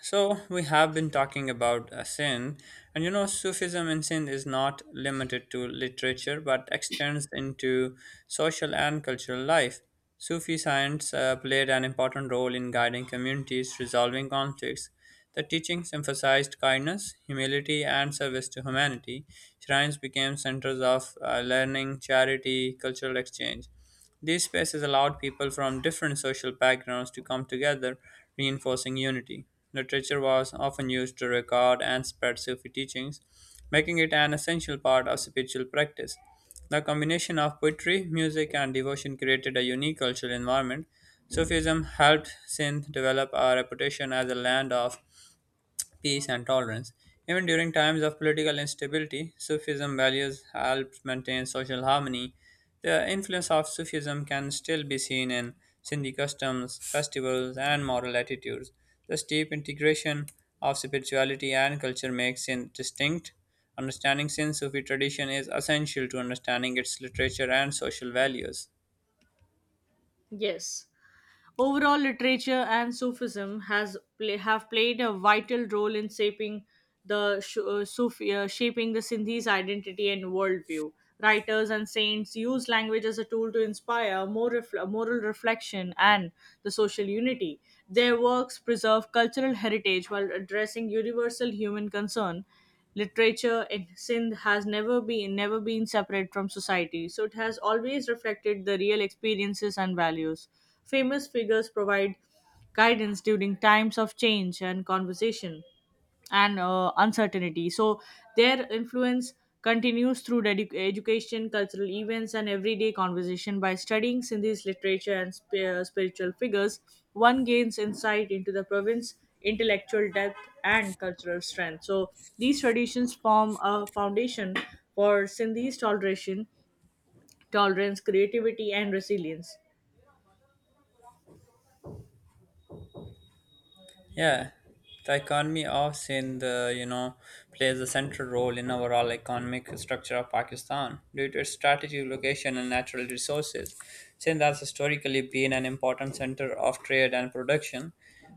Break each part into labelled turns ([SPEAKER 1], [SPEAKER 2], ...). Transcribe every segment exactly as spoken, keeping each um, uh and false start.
[SPEAKER 1] So we have been talking about uh, sin, and you know, Sufism and sin is not limited to literature but extends into social and cultural life. Sufi science uh, played an important role in guiding communities, resolving conflicts. The teachings emphasized kindness, humility, and service to humanity. Shrines became centers of uh, learning, charity, cultural exchange. These spaces allowed people from different social backgrounds to come together, reinforcing unity. Literature was often used to record and spread Sufi teachings, making it an essential part of spiritual practice. The combination of poetry, music, and devotion created a unique cultural environment. Sufism helped Sindh develop a reputation as a land of peace and tolerance. Even during times of political instability, Sufism values helped maintain social harmony. The influence of Sufism can still be seen in Sindhi customs, festivals, and moral attitudes. The deep integration of spirituality and culture makes it distinct. Understanding Sindh Sufi tradition is essential to understanding its literature and social values.
[SPEAKER 2] Yes. Overall, literature and Sufism has play, have played a vital role in shaping the sh- uh, Sufi, uh, shaping the Sindhi's identity and worldview. Writers and saints use language as a tool to inspire more refl- moral reflection and the social unity. Their works preserve cultural heritage while addressing universal human concern. Literature in Sindh has never been never been separate from society, so it has always reflected the real experiences and values. Famous figures provide guidance during times of change and conversation and uh, uncertainty. So their influence continues through dedic education, cultural events, and everyday conversation. By studying Sindhi's literature and sp- uh, spiritual figures, one gains insight into the province's intellectual depth and cultural strength. So these traditions form a foundation for Sindhi's toleration, tolerance, creativity, and resilience.
[SPEAKER 1] Yeah, the economy of Sindh, uh, you know, plays a central role in overall economic structure of Pakistan due to its strategic location and natural resources. Sindh has historically been an important center of trade and production.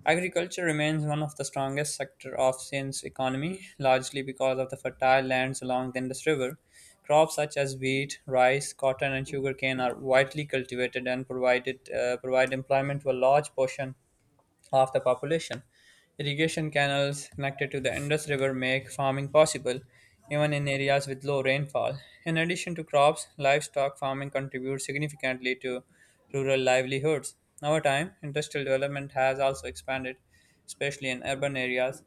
[SPEAKER 1] Agriculture remains one of the strongest sector of Sindh's economy, largely because of the fertile lands along the Indus River. Crops such as wheat, rice, cotton, and sugarcane are widely cultivated and provided uh, provide employment to a large portion of the population. Irrigation canals connected to the Indus River make farming possible, even in areas with low rainfall. In addition to crops, livestock farming contributes significantly to rural livelihoods. Over time, industrial development has also expanded, especially in urban areas.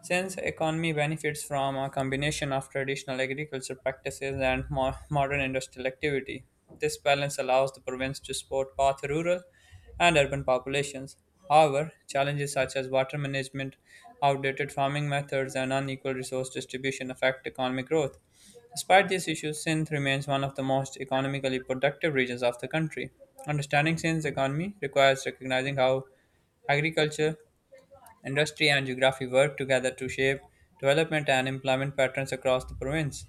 [SPEAKER 1] Since economy benefits from a combination of traditional agriculture practices and mo- modern industrial activity, this balance allows the province to support both rural and urban populations. However, challenges such as water management, outdated farming methods, and unequal resource distribution affect economic growth. Despite these issues, Sindh remains one of the most economically productive regions of the country. Understanding Sindh's economy requires recognizing how agriculture, industry, and geography work together to shape development and employment patterns across the province.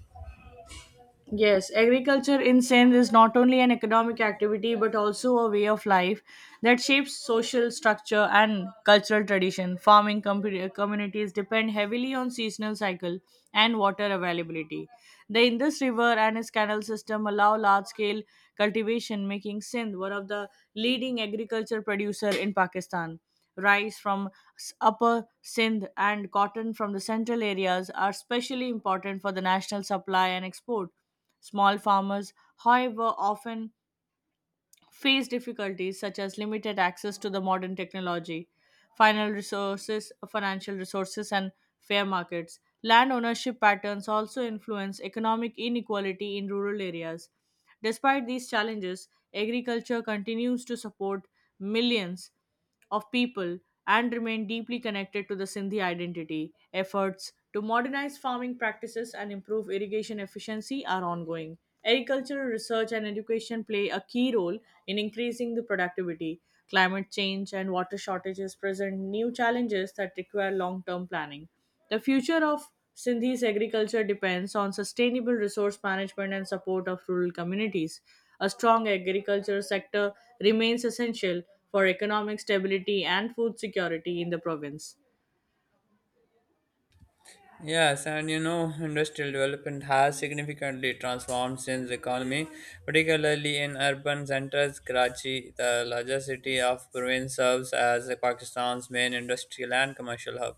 [SPEAKER 2] Yes, agriculture in Sindh is not only an economic activity but also a way of life that shapes social structure and cultural tradition. Farming com- communities depend heavily on seasonal cycle and water availability. The Indus River and its canal system allow large-scale cultivation, making Sindh one of the leading agriculture producer in Pakistan. Rice from s- upper Sindh and cotton from the central areas are especially important for the national supply and export. Small farmers, however, often face difficulties such as limited access to the modern technology, final resources, financial resources, and fair markets. Land ownership patterns also influence economic inequality in rural areas. Despite these challenges, agriculture continues to support millions of people and remain deeply connected to the Sindhi identity. Efforts to modernize farming practices and improve irrigation efficiency are ongoing. Agricultural research and education play a key role in increasing the productivity. Climate change and water shortages present new challenges that require long term planning. The future of Sindhi's agriculture depends on sustainable resource management and support of rural communities. A strong agriculture sector remains essential for economic stability and food security in the province.
[SPEAKER 1] Yes, and you know, industrial development has significantly transformed Sindh's economy, particularly in urban centers. Karachi, the largest city of province, serves as Pakistan's main industrial and commercial hub.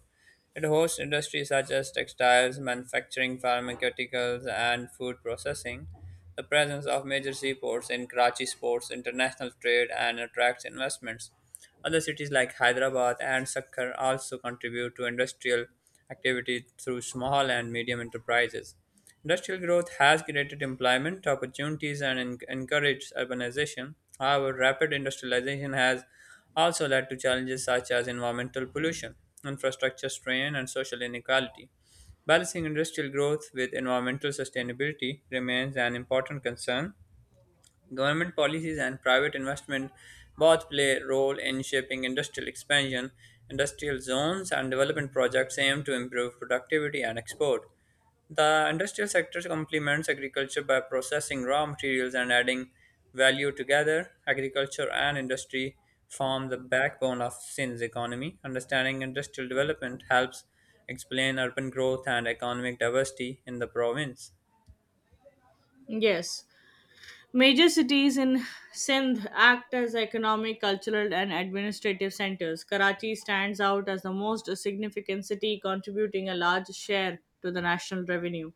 [SPEAKER 1] It hosts industries such as textiles, manufacturing, pharmaceuticals, and food processing. The presence of major seaports in Karachi supports international trade and attracts investments. Other cities like Hyderabad and Sakkar also contribute to industrial activity through small and medium enterprises. Industrial growth has created employment opportunities and en- encouraged urbanization. However, rapid industrialization has also led to challenges such as environmental pollution, infrastructure strain, and social inequality. Balancing industrial growth with environmental sustainability remains an important concern. Government policies and private investment both play a role in shaping industrial expansion. Industrial zones and development projects aim to improve productivity and export. The industrial sector complements agriculture by processing raw materials and adding value together. Agriculture and industry form the backbone of Sindh's economy. Understanding industrial development helps explain urban growth and economic diversity in the province.
[SPEAKER 2] Yes, major cities in Sindh act as economic, cultural, and administrative centers. Karachi stands out as the most significant city, contributing a large share to the national revenue.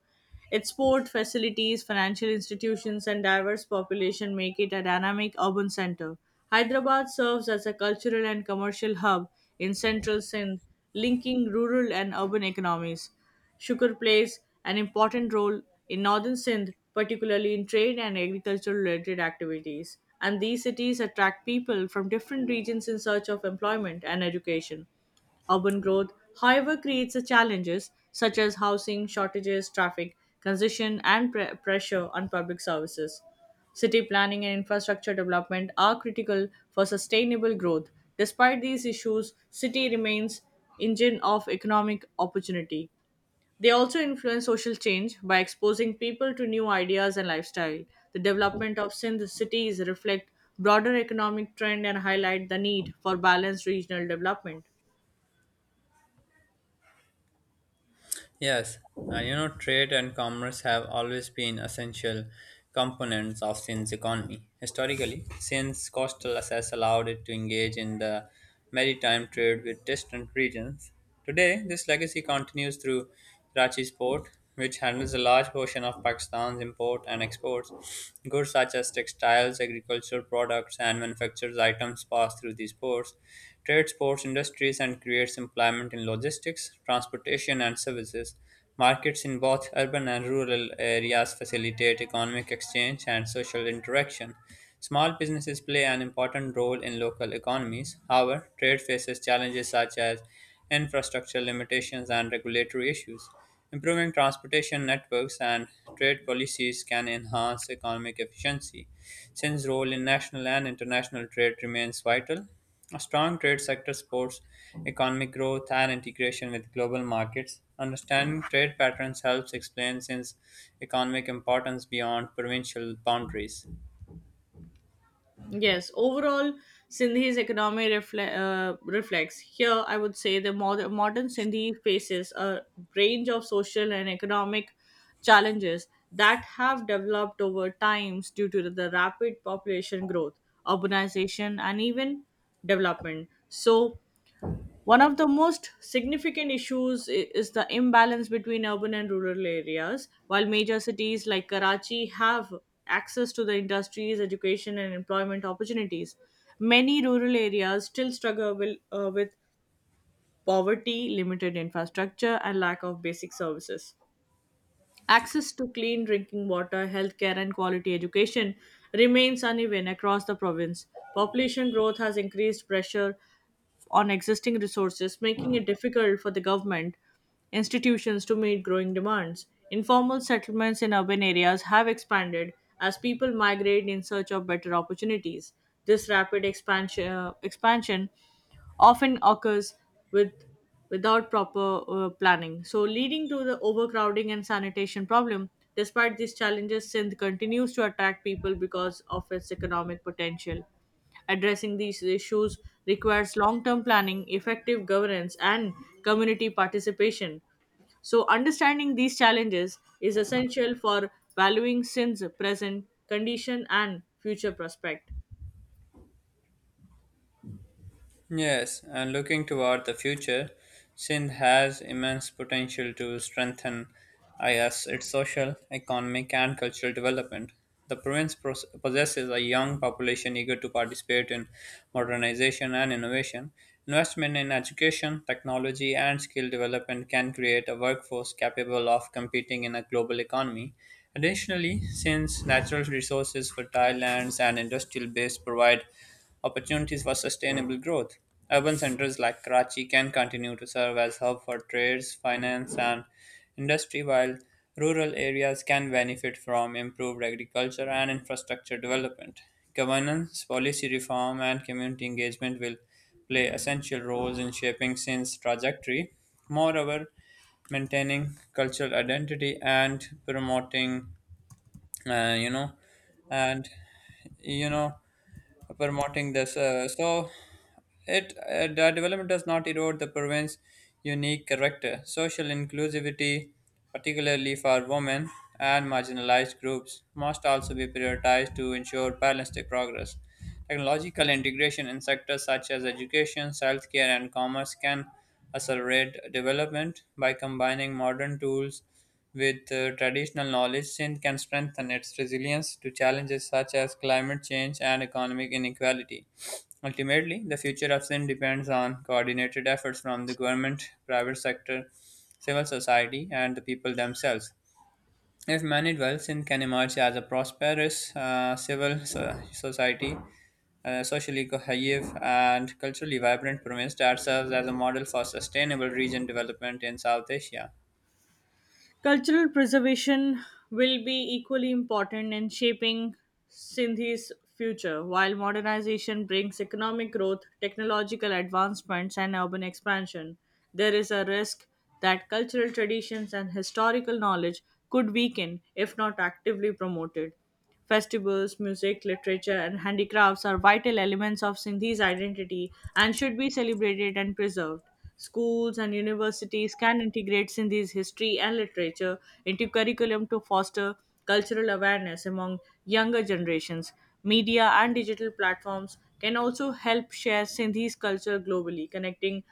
[SPEAKER 2] Its port facilities, financial institutions, and diverse population make it a dynamic urban center. Hyderabad serves as a cultural and commercial hub in central Sindh, linking rural and urban economies. Sugar plays an important role in northern Sindh, particularly in trade and agricultural related activities. And these cities attract people from different regions in search of employment and education. Urban growth, however, creates a challenges such as housing shortages, traffic congestion, and pre- pressure on public services. City planning and infrastructure development are critical for sustainable growth. Despite these issues, city remains engine of economic opportunity. They also influence social change by exposing people to new ideas and lifestyle. The development of synth cities reflect broader economic trend and highlight the need for balanced regional development.
[SPEAKER 1] Yes, uh, you know, trade and commerce have always been essential components of Sin's economy. Historically, Sin's coastal access allowed it to engage in the maritime trade with distant regions. Today, this legacy continues through Karachi Port, which handles a large portion of Pakistan's import and exports. Goods such as textiles, agricultural products, and manufactured items pass through these ports. Trade supports industries and creates employment in logistics, transportation, and services. Markets in both urban and rural areas facilitate economic exchange and social interaction. Small businesses play an important role in local economies. However, trade faces challenges such as infrastructure limitations and regulatory issues. Improving transportation networks and trade policies can enhance economic efficiency. Since role in national and international trade remains vital, a strong trade sector supports economic growth and integration with global markets. Understanding trade patterns helps explain Sin's economic importance beyond provincial boundaries.
[SPEAKER 2] Yes, overall, Sindhi's economy refle- uh, reflects. Here, I would say the mod- modern Sindhi faces a range of social and economic challenges that have developed over times due to the rapid population growth, urbanization, and even development. So, one of the most significant issues i- is the imbalance between urban and rural areas. While major cities like Karachi have access to the industries, education, and employment opportunities, many rural areas still struggle with, uh, with poverty, limited infrastructure, and lack of basic services. Access to clean drinking water, healthcare, and quality education remains uneven across the province. Population growth has increased pressure on existing resources, making it difficult for the government institutions to meet growing demands. Informal settlements in urban areas have expanded as people migrate in search of better opportunities. This rapid expansion, uh, expansion often occurs with without proper uh, planning so leading to the overcrowding and sanitation problem despite these challenges sindh continues to attract people because of its economic potential. Addressing these issues requires long term planning, effective governance, and community participation. So, understanding these challenges is essential for valuing sin's present condition and future prospect.
[SPEAKER 1] Yes, and looking toward the future, Sindh has immense potential to strengthen IS its social, economic, and cultural development. The province pos- possesses a young population eager to participate in modernization and innovation. Investment in education, technology, and skill development can create a workforce capable of competing in a global economy. Additionally, since natural resources, fertile lands, and industrial base provide opportunities for sustainable growth. Urban centers like Karachi can continue to serve as hub for trades, finance, and industry, while rural areas can benefit from improved agriculture and infrastructure development. Governance, policy reform, and community engagement will play essential roles in shaping Sindh's trajectory. Moreover, maintaining cultural identity and promoting uh, you know and you know promoting this uh, so it uh, the development does not erode the province's unique character, social inclusivity, particularly for women and marginalized groups, must also be prioritized to ensure balanced progress. Technological integration in sectors such as education, healthcare, and commerce can accelerate development by combining modern tools with uh, traditional knowledge. Sindh can strengthen its resilience to challenges such as climate change and economic inequality. Ultimately, the future of sin depends on coordinated efforts from the government, private sector, civil society, and the people themselves. If managed well, sin can emerge as a prosperous uh, civil so- society, uh, socially cohesive, and culturally vibrant province that serves as a model for sustainable region development in South Asia.
[SPEAKER 2] Cultural preservation will be equally important in shaping Sindhi's future, while modernization brings economic growth, technological advancements, and urban expansion. There is a risk that cultural traditions and historical knowledge could weaken if not actively promoted. Festivals, music, literature, and handicrafts are vital elements of Sindhi's identity and should be celebrated and preserved. Schools and universities can integrate Sindhi's history and literature into curriculum to foster cultural awareness among younger generations. Media and digital platforms can also help share Sindhi's culture globally, connecting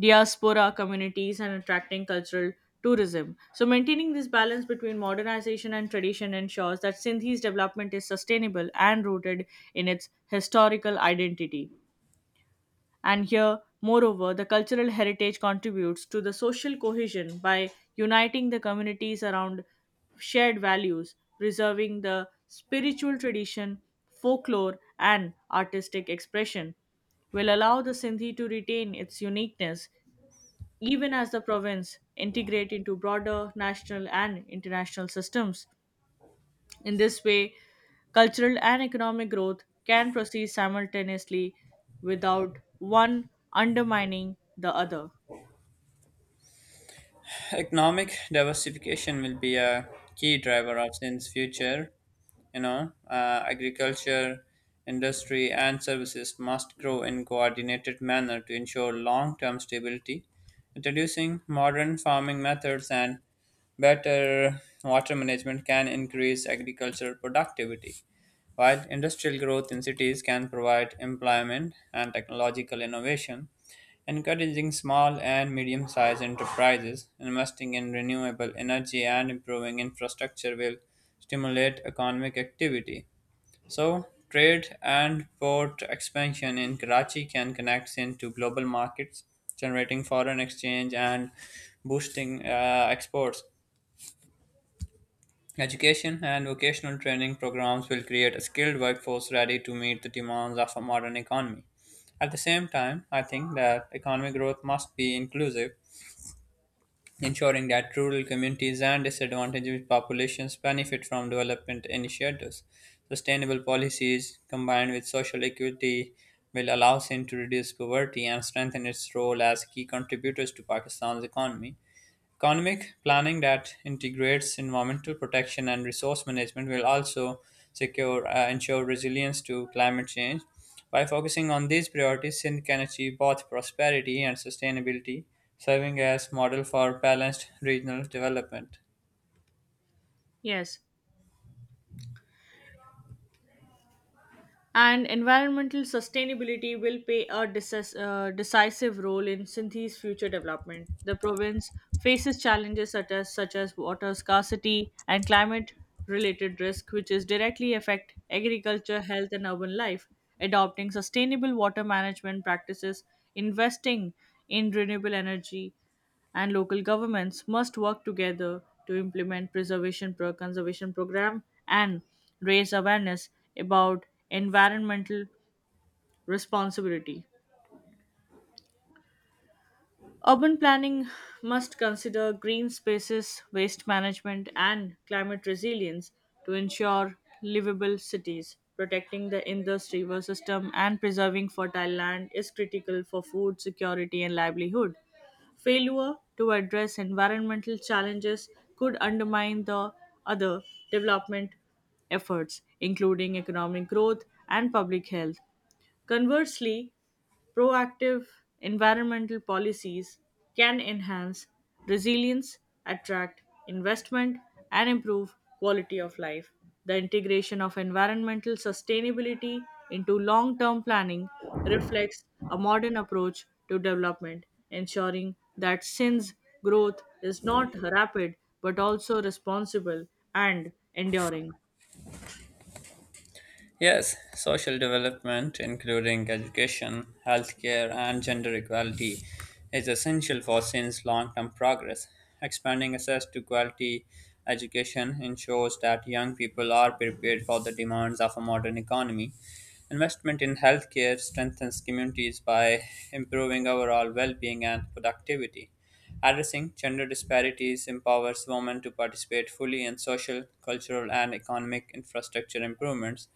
[SPEAKER 2] diaspora communities and attracting cultural tourism. So, maintaining this balance between modernization and tradition ensures that Sindhi's development is sustainable and rooted in its historical identity. And here, moreover, the cultural heritage contributes to the social cohesion by uniting the communities around shared values, preserving the spiritual tradition, folklore, and artistic expression will allow the Sindhi to retain its uniqueness even as the province integrate into broader national and international systems. In this way, cultural and economic growth can proceed simultaneously without one undermining the other.
[SPEAKER 1] Economic diversification will be a key driver of sin's future. You know, uh, agriculture, industry, and services must grow in coordinated manner to ensure long-term stability. Introducing modern farming methods and better water management can increase agricultural productivity, while industrial growth in cities can provide employment and technological innovation. Encouraging small and medium sized enterprises, investing in renewable energy, and improving infrastructure will stimulate economic activity. So, trade and port expansion in Karachi can connect Sindh to global markets, generating foreign exchange and boosting uh, exports. Education and vocational training programs will create a skilled workforce ready to meet the demands of a modern economy. At the same time, I think that economic growth must be inclusive ensuring that rural communities and disadvantaged populations benefit from development initiatives. Sustainable policies combined with social equity will allow Sindh to reduce poverty and strengthen its role as key contributors to Pakistan's economy. Economic planning that integrates environmental protection and resource management will also secure uh, ensure resilience to climate change. By focusing on these priorities, Sindh can achieve both prosperity and sustainability, serving as model for balanced regional development.
[SPEAKER 2] Yes, and environmental sustainability will play a decis- uh, decisive role in Sindhi's future development. The province faces challenges such as, such as water scarcity and climate related risk, which is directly affect agriculture, health, and urban life. Adopting sustainable water management practices, investing in renewable energy, and local governments must work together to implement preservation pro- conservation program and raise awareness about environmental responsibility urban planning must consider green spaces waste management and climate resilience to ensure livable cities protecting the indus river system and preserving fertile land is critical for food security and livelihood. Failure to address environmental challenges could undermine the other development efforts, including economic growth and public health. Conversely, proactive environmental policies can enhance resilience, attract investment, and improve quality of life. The integration of environmental sustainability into long term planning reflects a modern approach to development, ensuring that since growth is not rapid but also responsible and enduring.
[SPEAKER 1] Yes, social development, including education, healthcare, and gender equality, is essential for Sin's long term progress. Expanding access to quality education ensures that young people are prepared for the demands of a modern economy. Investment in healthcare strengthens communities by improving overall well being and productivity. Addressing gender disparities empowers women to participate fully in social, cultural, and economic infrastructure improvements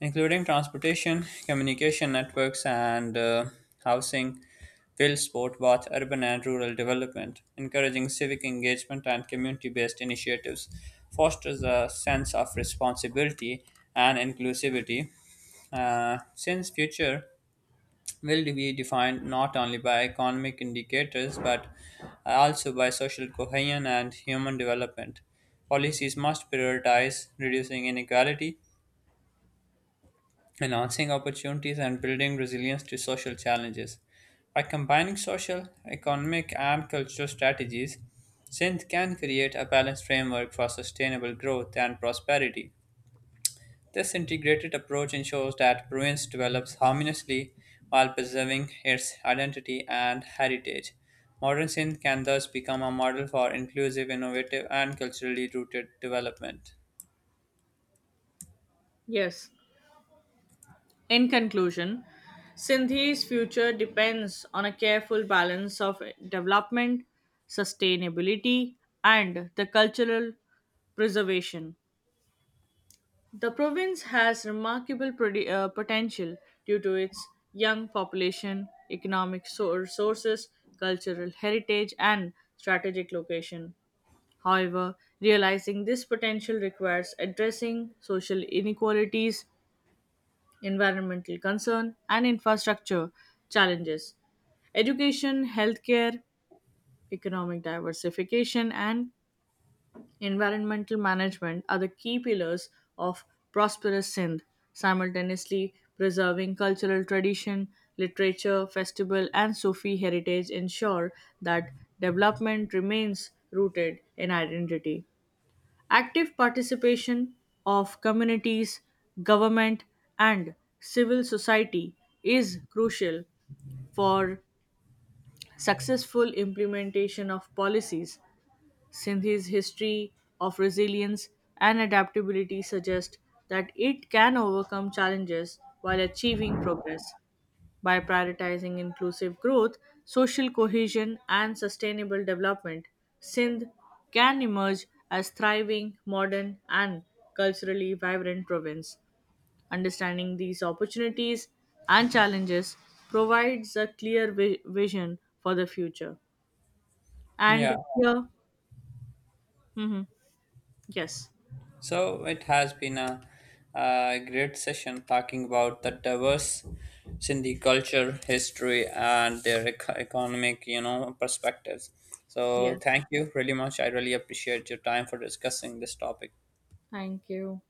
[SPEAKER 1] including transportation, communication networks, and uh, housing, will support both urban and rural development, encouraging civic engagement and community based initiatives, fosters a sense of responsibility and inclusivity. Uh, since future will be defined not only by economic indicators but also by social cohesion and human development, policies must prioritize reducing inequality enhancing opportunities and building resilience to social challenges. By combining social, economic, and cultural strategies, Sindh can create a balanced framework for sustainable growth and prosperity. This integrated approach ensures that province develops harmoniously while preserving its identity and heritage. Modern Sindh can thus become a model for inclusive, innovative, and culturally rooted development.
[SPEAKER 2] Yes, in conclusion, Sindhi's future depends on a careful balance of development, sustainability, and the cultural preservation. The province has remarkable produ- uh, potential due to its young population, economic so- resources, cultural heritage, and strategic location. However, realizing this potential requires addressing social inequalities, environmental concern, and infrastructure challenges. Education, healthcare, economic diversification, and environmental management are the key pillars of prosperous Sindh, simultaneously preserving cultural tradition, literature, festival, and Sufi heritage ensure that development remains rooted in identity. Active participation of communities, government, and civil society is crucial for successful implementation of policies, since his history of resilience and adaptability suggests that it can overcome challenges while achieving progress. By prioritizing inclusive growth, social cohesion, and sustainable development, Sindh can emerge as thriving, modern, and culturally vibrant province. Understanding these opportunities and challenges provides a clear vi- vision for the future.
[SPEAKER 1] Yeah,
[SPEAKER 2] And here, mhm, yes,
[SPEAKER 1] so it has been a, uh great session talking about the diverse Sindhi culture, history, and their eco- economic, you know, perspectives. So
[SPEAKER 2] yes.
[SPEAKER 1] thank you really much. I really appreciate your time for discussing this topic.
[SPEAKER 2] Thank you.